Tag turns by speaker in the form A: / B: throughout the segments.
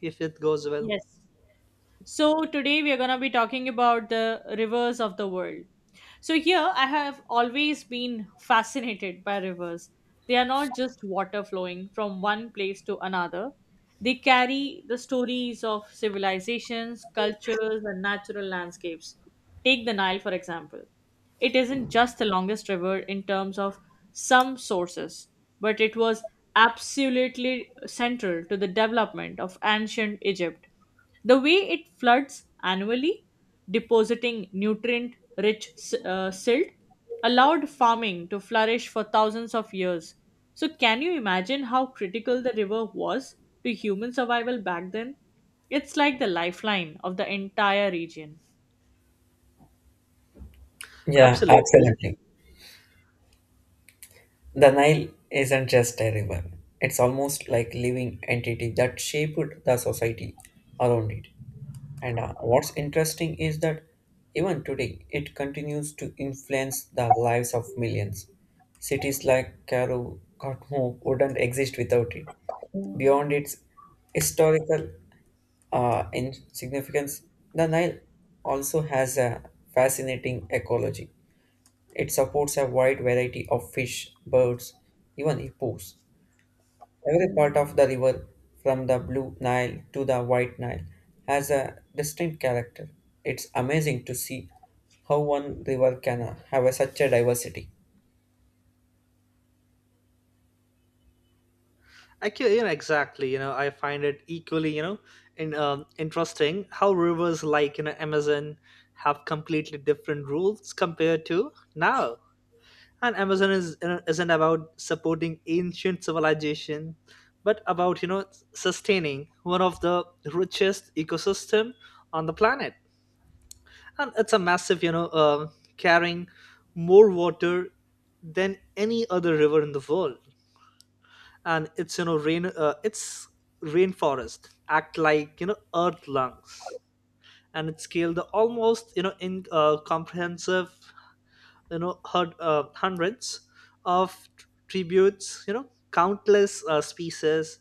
A: If it goes well.
B: Yes. So today we are going to be talking about the rivers of the world. So here I have always been fascinated by rivers. They are not just water flowing from one place to another. They carry the stories of civilizations, cultures and natural landscapes. Take the Nile for example. It isn't just the longest river in terms of some sources, but it was absolutely central to the development of ancient Egypt. The way it floods annually, depositing nutrient rich silt, allowed farming to flourish for thousands of years. So, can you imagine how critical the river was to human survival back then? It's like the lifeline of the entire region.
C: Yeah,
A: Absolutely.
C: absolutely. The Nile isn't just a river. It's almost like living entity that shaped the society around it. And What's interesting is that even today it continues to influence the lives of millions. Cities like Cairo, Khartoum wouldn't exist without it. Beyond its historical insignificance, the Nile also has a fascinating ecology. It supports a wide variety of fish, birds, even hippos. Every part of the river, from the Blue Nile to the White Nile, has a distinct character. It's amazing to see how one river can have such a diversity.
A: Exactly. I find it equally in interesting how rivers like Amazon have completely different rules compared to now. And Amazon isn't about supporting ancient civilization, but about sustaining one of the richest ecosystem on the planet. And it's a massive, carrying more water than any other river in the world. And it's rainforest act like earth lungs. And it scaled the almost in comprehensive, hundreds of tributes, countless species,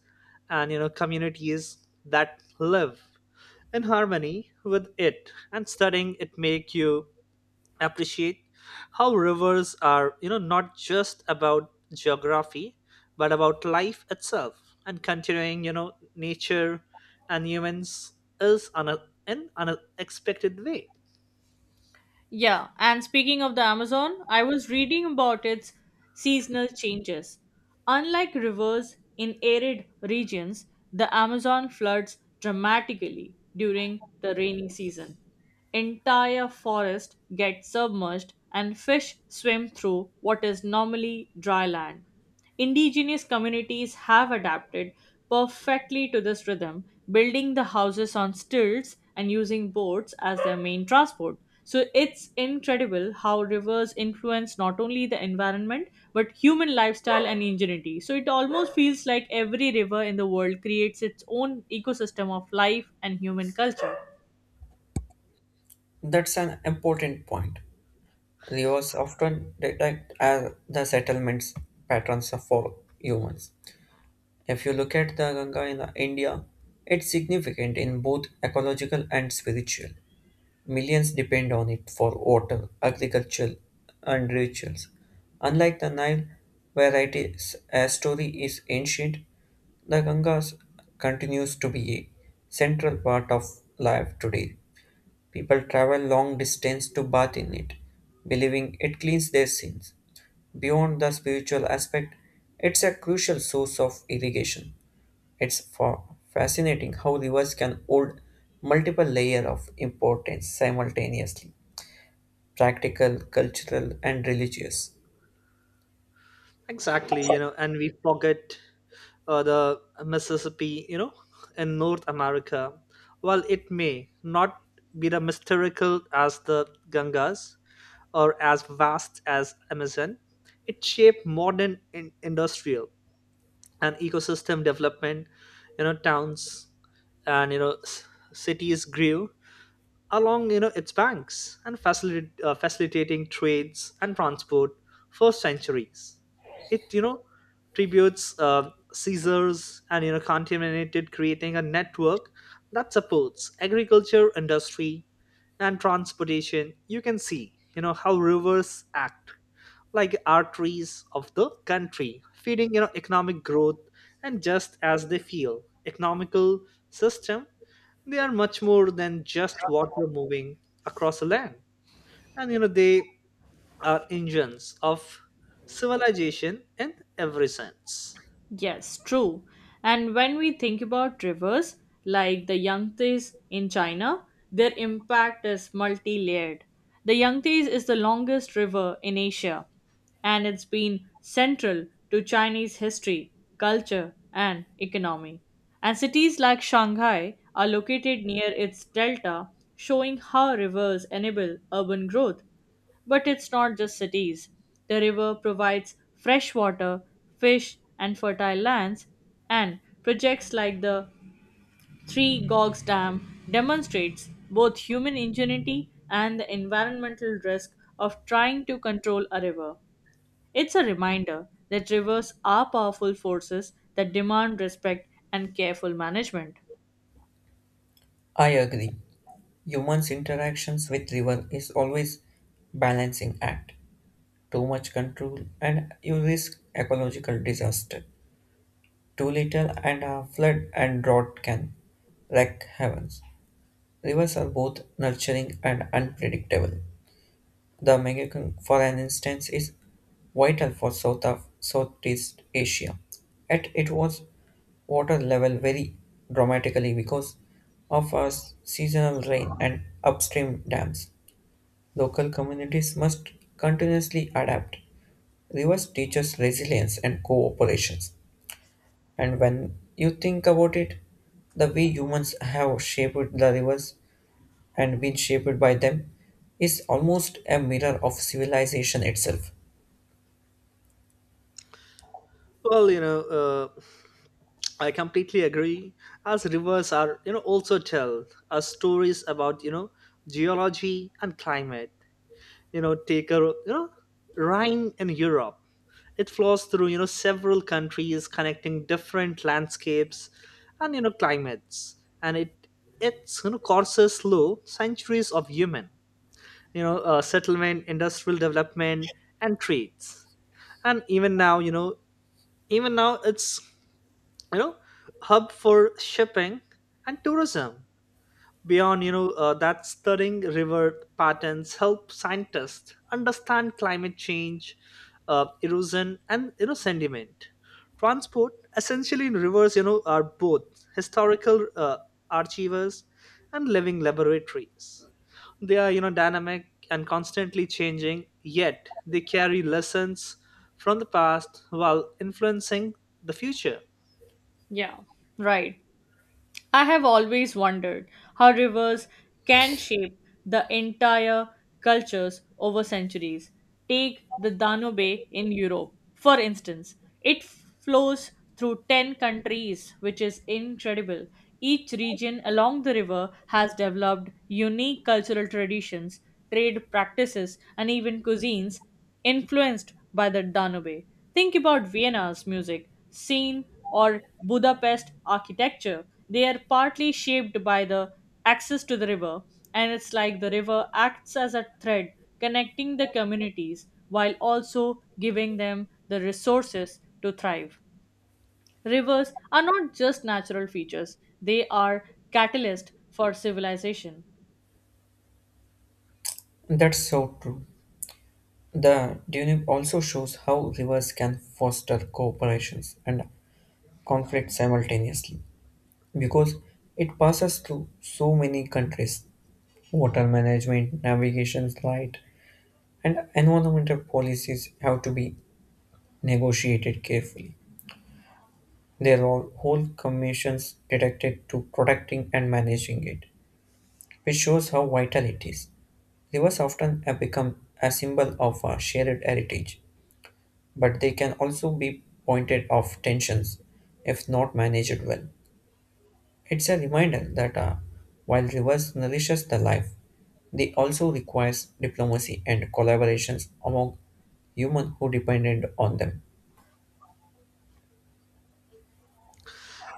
A: and communities that live in harmony with it. And studying it make you appreciate how rivers are not just about geography but about life itself, and continuing nature and humans is on a, in an unexpected way.
B: Yeah, and speaking of the Amazon, I was reading about its seasonal changes. Unlike rivers in arid regions, the Amazon floods dramatically during the rainy season. Entire forest get submerged and fish swim through what is normally dry land. Indigenous communities have adapted perfectly to this rhythm, building the houses on stilts and using boats as their main transport. So it's incredible how rivers influence not only the environment but human lifestyle and ingenuity. So it almost feels like every river in the world creates its own ecosystem of life and human culture.
C: That's an important point. Rivers often detect as the settlements patterns for humans. If you look at the Ganga in India, it's significant in both ecological and spiritual. Millions depend on it for water, agriculture, and rituals. Unlike the Nile, where it is, a story is ancient, the Gangas continues to be a central part of life today. People travel long distance to bathe in it, believing it cleans their sins. Beyond the spiritual aspect, it's a crucial source of irrigation. It's fa- Fascinating how rivers can hold multiple layers of importance simultaneously practical, cultural, and religious.
A: Exactly, and we forget the Mississippi, in North America. While it may not be the mystical as the Gangas or as vast as Amazon, it shaped modern industrial and ecosystem development. Towns and cities grew along its banks and facilitating trades and transport for centuries. It tributes, caesars, and contaminated, creating a network that supports agriculture, industry and transportation. You can see how rivers act like arteries of the country, feeding economic growth. And just as they feel economical system, they are much more than just water moving across the land. And they are engines of civilization in every sense.
B: Yes, true. And when we think about rivers like the Yangtze in China, their impact is multi layered. The Yangtze is the longest river in Asia, and it's been central to Chinese history, culture, and economy. And cities like Shanghai are located near its delta, showing how rivers enable urban growth but it's not just cities. The river provides fresh water, fish, and fertile lands, and projects like the Three Gorges Dam demonstrates both human ingenuity and the environmental risk of trying to control a river. It's a reminder that rivers are powerful forces that demand respect and careful management.
C: I agree. Humans' interactions with river is always balancing act. Too much control and you risk ecological disaster. Too little and a flood and drought can wreck heavens. Rivers are both nurturing and unpredictable. The Mekong, for an instance, is vital for South of Southeast Asia, yet it was water level very dramatically because of our seasonal rain and upstream dams. Local communities must continuously adapt. Rivers teach us resilience and cooperations. And when you think about it, the way humans have shaped the rivers and been shaped by them is almost a mirror of civilization itself.
A: Well, I completely agree. As rivers are, also tell us stories about, geology and climate. Take a, Rhine in Europe. It flows through several countries, connecting different landscapes and climates. And it's courses through centuries of human, settlement, industrial development and trades. And even now it's you know hub for shipping and tourism. Beyond, that stirring river patterns help scientists understand climate change, erosion, and sediment. Transport, essentially rivers, are both historical archives and living laboratories. They are, dynamic and constantly changing. Yet they carry lessons from the past while influencing the future.
B: Yeah, right. I have always wondered how rivers can shape the entire cultures over centuries. Take the Danube in Europe, for instance. It flows through 10 countries, which is incredible. Each region along the river has developed unique cultural traditions, trade practices, and even cuisines influenced by the Danube. Think about Vienna's music scene or Budapest architecture. They are partly shaped by the access to the river, and it's like the river acts as a thread connecting the communities while also giving them the resources to thrive. Rivers are not just natural features, they are catalyst for civilization.
C: That's so true. The Dunib also shows how rivers can foster cooperations and conflict simultaneously because it passes through so many countries. Water management, navigation light, and environmental policies have to be negotiated carefully. There are whole commissions dedicated to protecting and managing it, which shows how vital it is. Rivers often have become a symbol of our shared heritage, but they can also be pointed of tensions if not managed well. It's a reminder that while rivers nourishes the life, they also requires diplomacy and collaborations among humans who depended on them.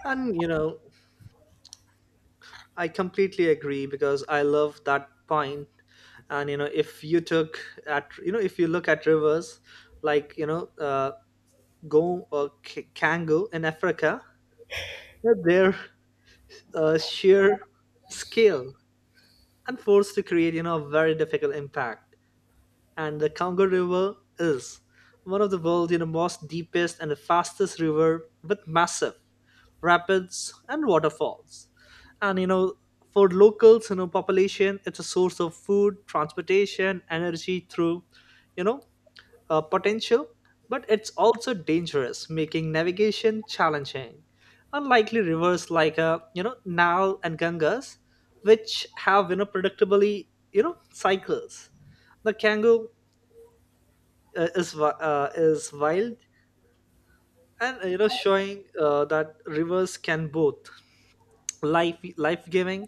A: And I completely agree because I love that point. And you know if you took at you know if you look at rivers like Gom or Kango in Africa, their sheer scale and force to create a very difficult impact. And the Congo River is one of the world's most deepest and the fastest river with massive rapids and waterfalls. And for locals population, it's a source of food, transportation, energy through you know potential, but it's also dangerous, making navigation challenging. Unlikely rivers like Nile and Ganges, which have predictably cycles. The Kango is wild and showing that rivers can both life giving,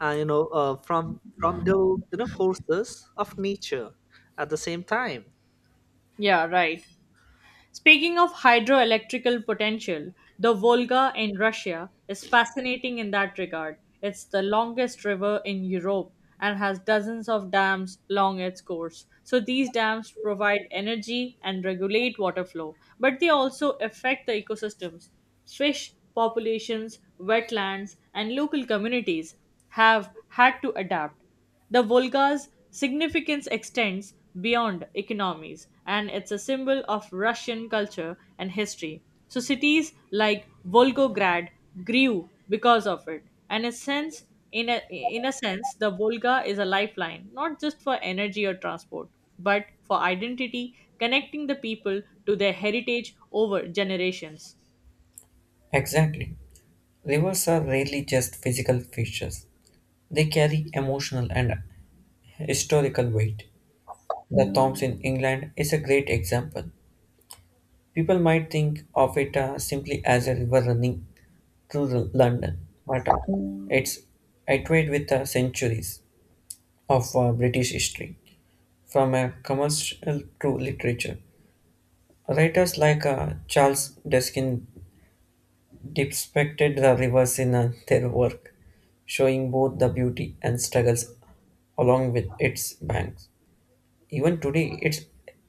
A: and from the forces of nature at the same time.
B: Yeah, right. Speaking of hydroelectrical potential, the Volga in Russia is fascinating in that regard. It's the longest river in Europe and has dozens of dams along its course. So these dams provide energy and regulate water flow, but they also affect the ecosystems. Fish populations, wetlands, and local communities have had to adapt. The Volga's significance extends beyond economies, and it's a symbol of Russian culture and history. So, cities like Volgograd grew because of it. And a sense, in a sense, the Volga is a lifeline, not just for energy or transport, but for identity, connecting the people to their heritage over generations.
C: Exactly. Rivers are rarely just physical features. They carry emotional and historical weight. The Thames in England is a great example. People might think of it simply as a river running through the London, but it's iterated with centuries of British history, from a commercial to literature. Writers like Charles Deskin depicted the rivers in their work, showing both the beauty and struggles along with its banks. Even today, it's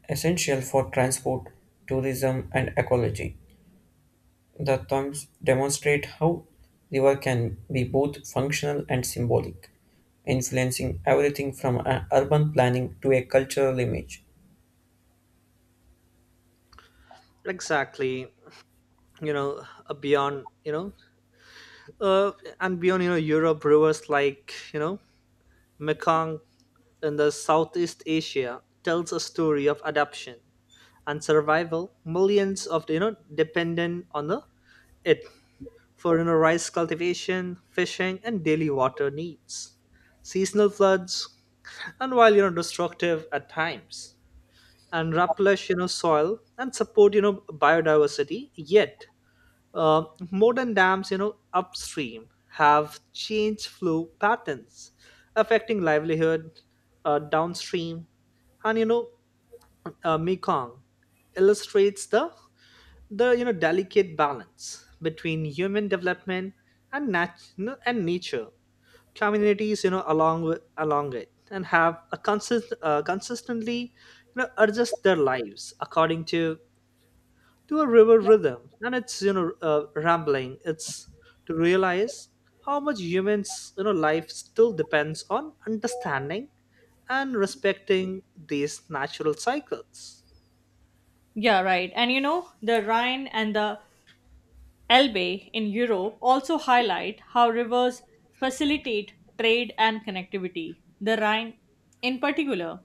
C: essential for transport, tourism, and ecology. The terms demonstrate how river can be both functional and symbolic, influencing everything from urban planning to a cultural image.
A: Exactly. you know beyond you know uh, and beyond Europe, rivers like Mekong in the Southeast Asia tells a story of adaptation and survival. Millions of dependent on the it for rice cultivation, fishing and daily water needs. Seasonal floods, and while destructive at times, and replenish soil and support biodiversity, yet Uh, modern dams, upstream have changed flow patterns, affecting livelihood downstream. And Mekong illustrates the delicate balance between human development and nat- and nature. Communities, along it and have a consistently adjust their lives according to a river rhythm. And it's rambling, it's to realize how much humans life still depends on understanding and respecting these natural cycles.
B: Yeah, right. And you know, the Rhine and the Elbe in Europe also highlight how rivers facilitate trade and connectivity. The Rhine, in particular,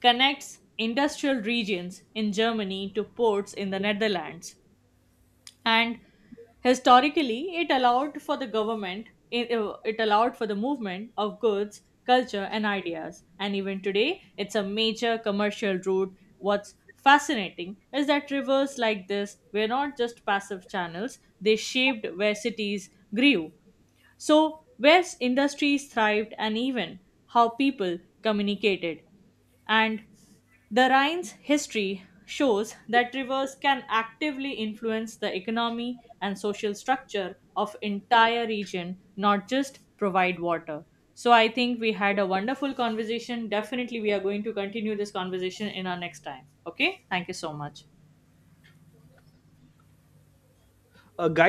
B: connects industrial regions in Germany to ports in the Netherlands, and historically it allowed for the movement of goods, culture and ideas. And even today it's a major commercial route. What's fascinating is that rivers like this were not just passive channels. They shaped where cities grew, so where industries thrived, and even how people communicated. And the Rhine's history shows that rivers can actively influence the economy and social structure of entire region, not just provide water. So I think we had a wonderful conversation. Definitely we are going to continue this conversation in our next time. Okay? Thank you so much.
A: A guide.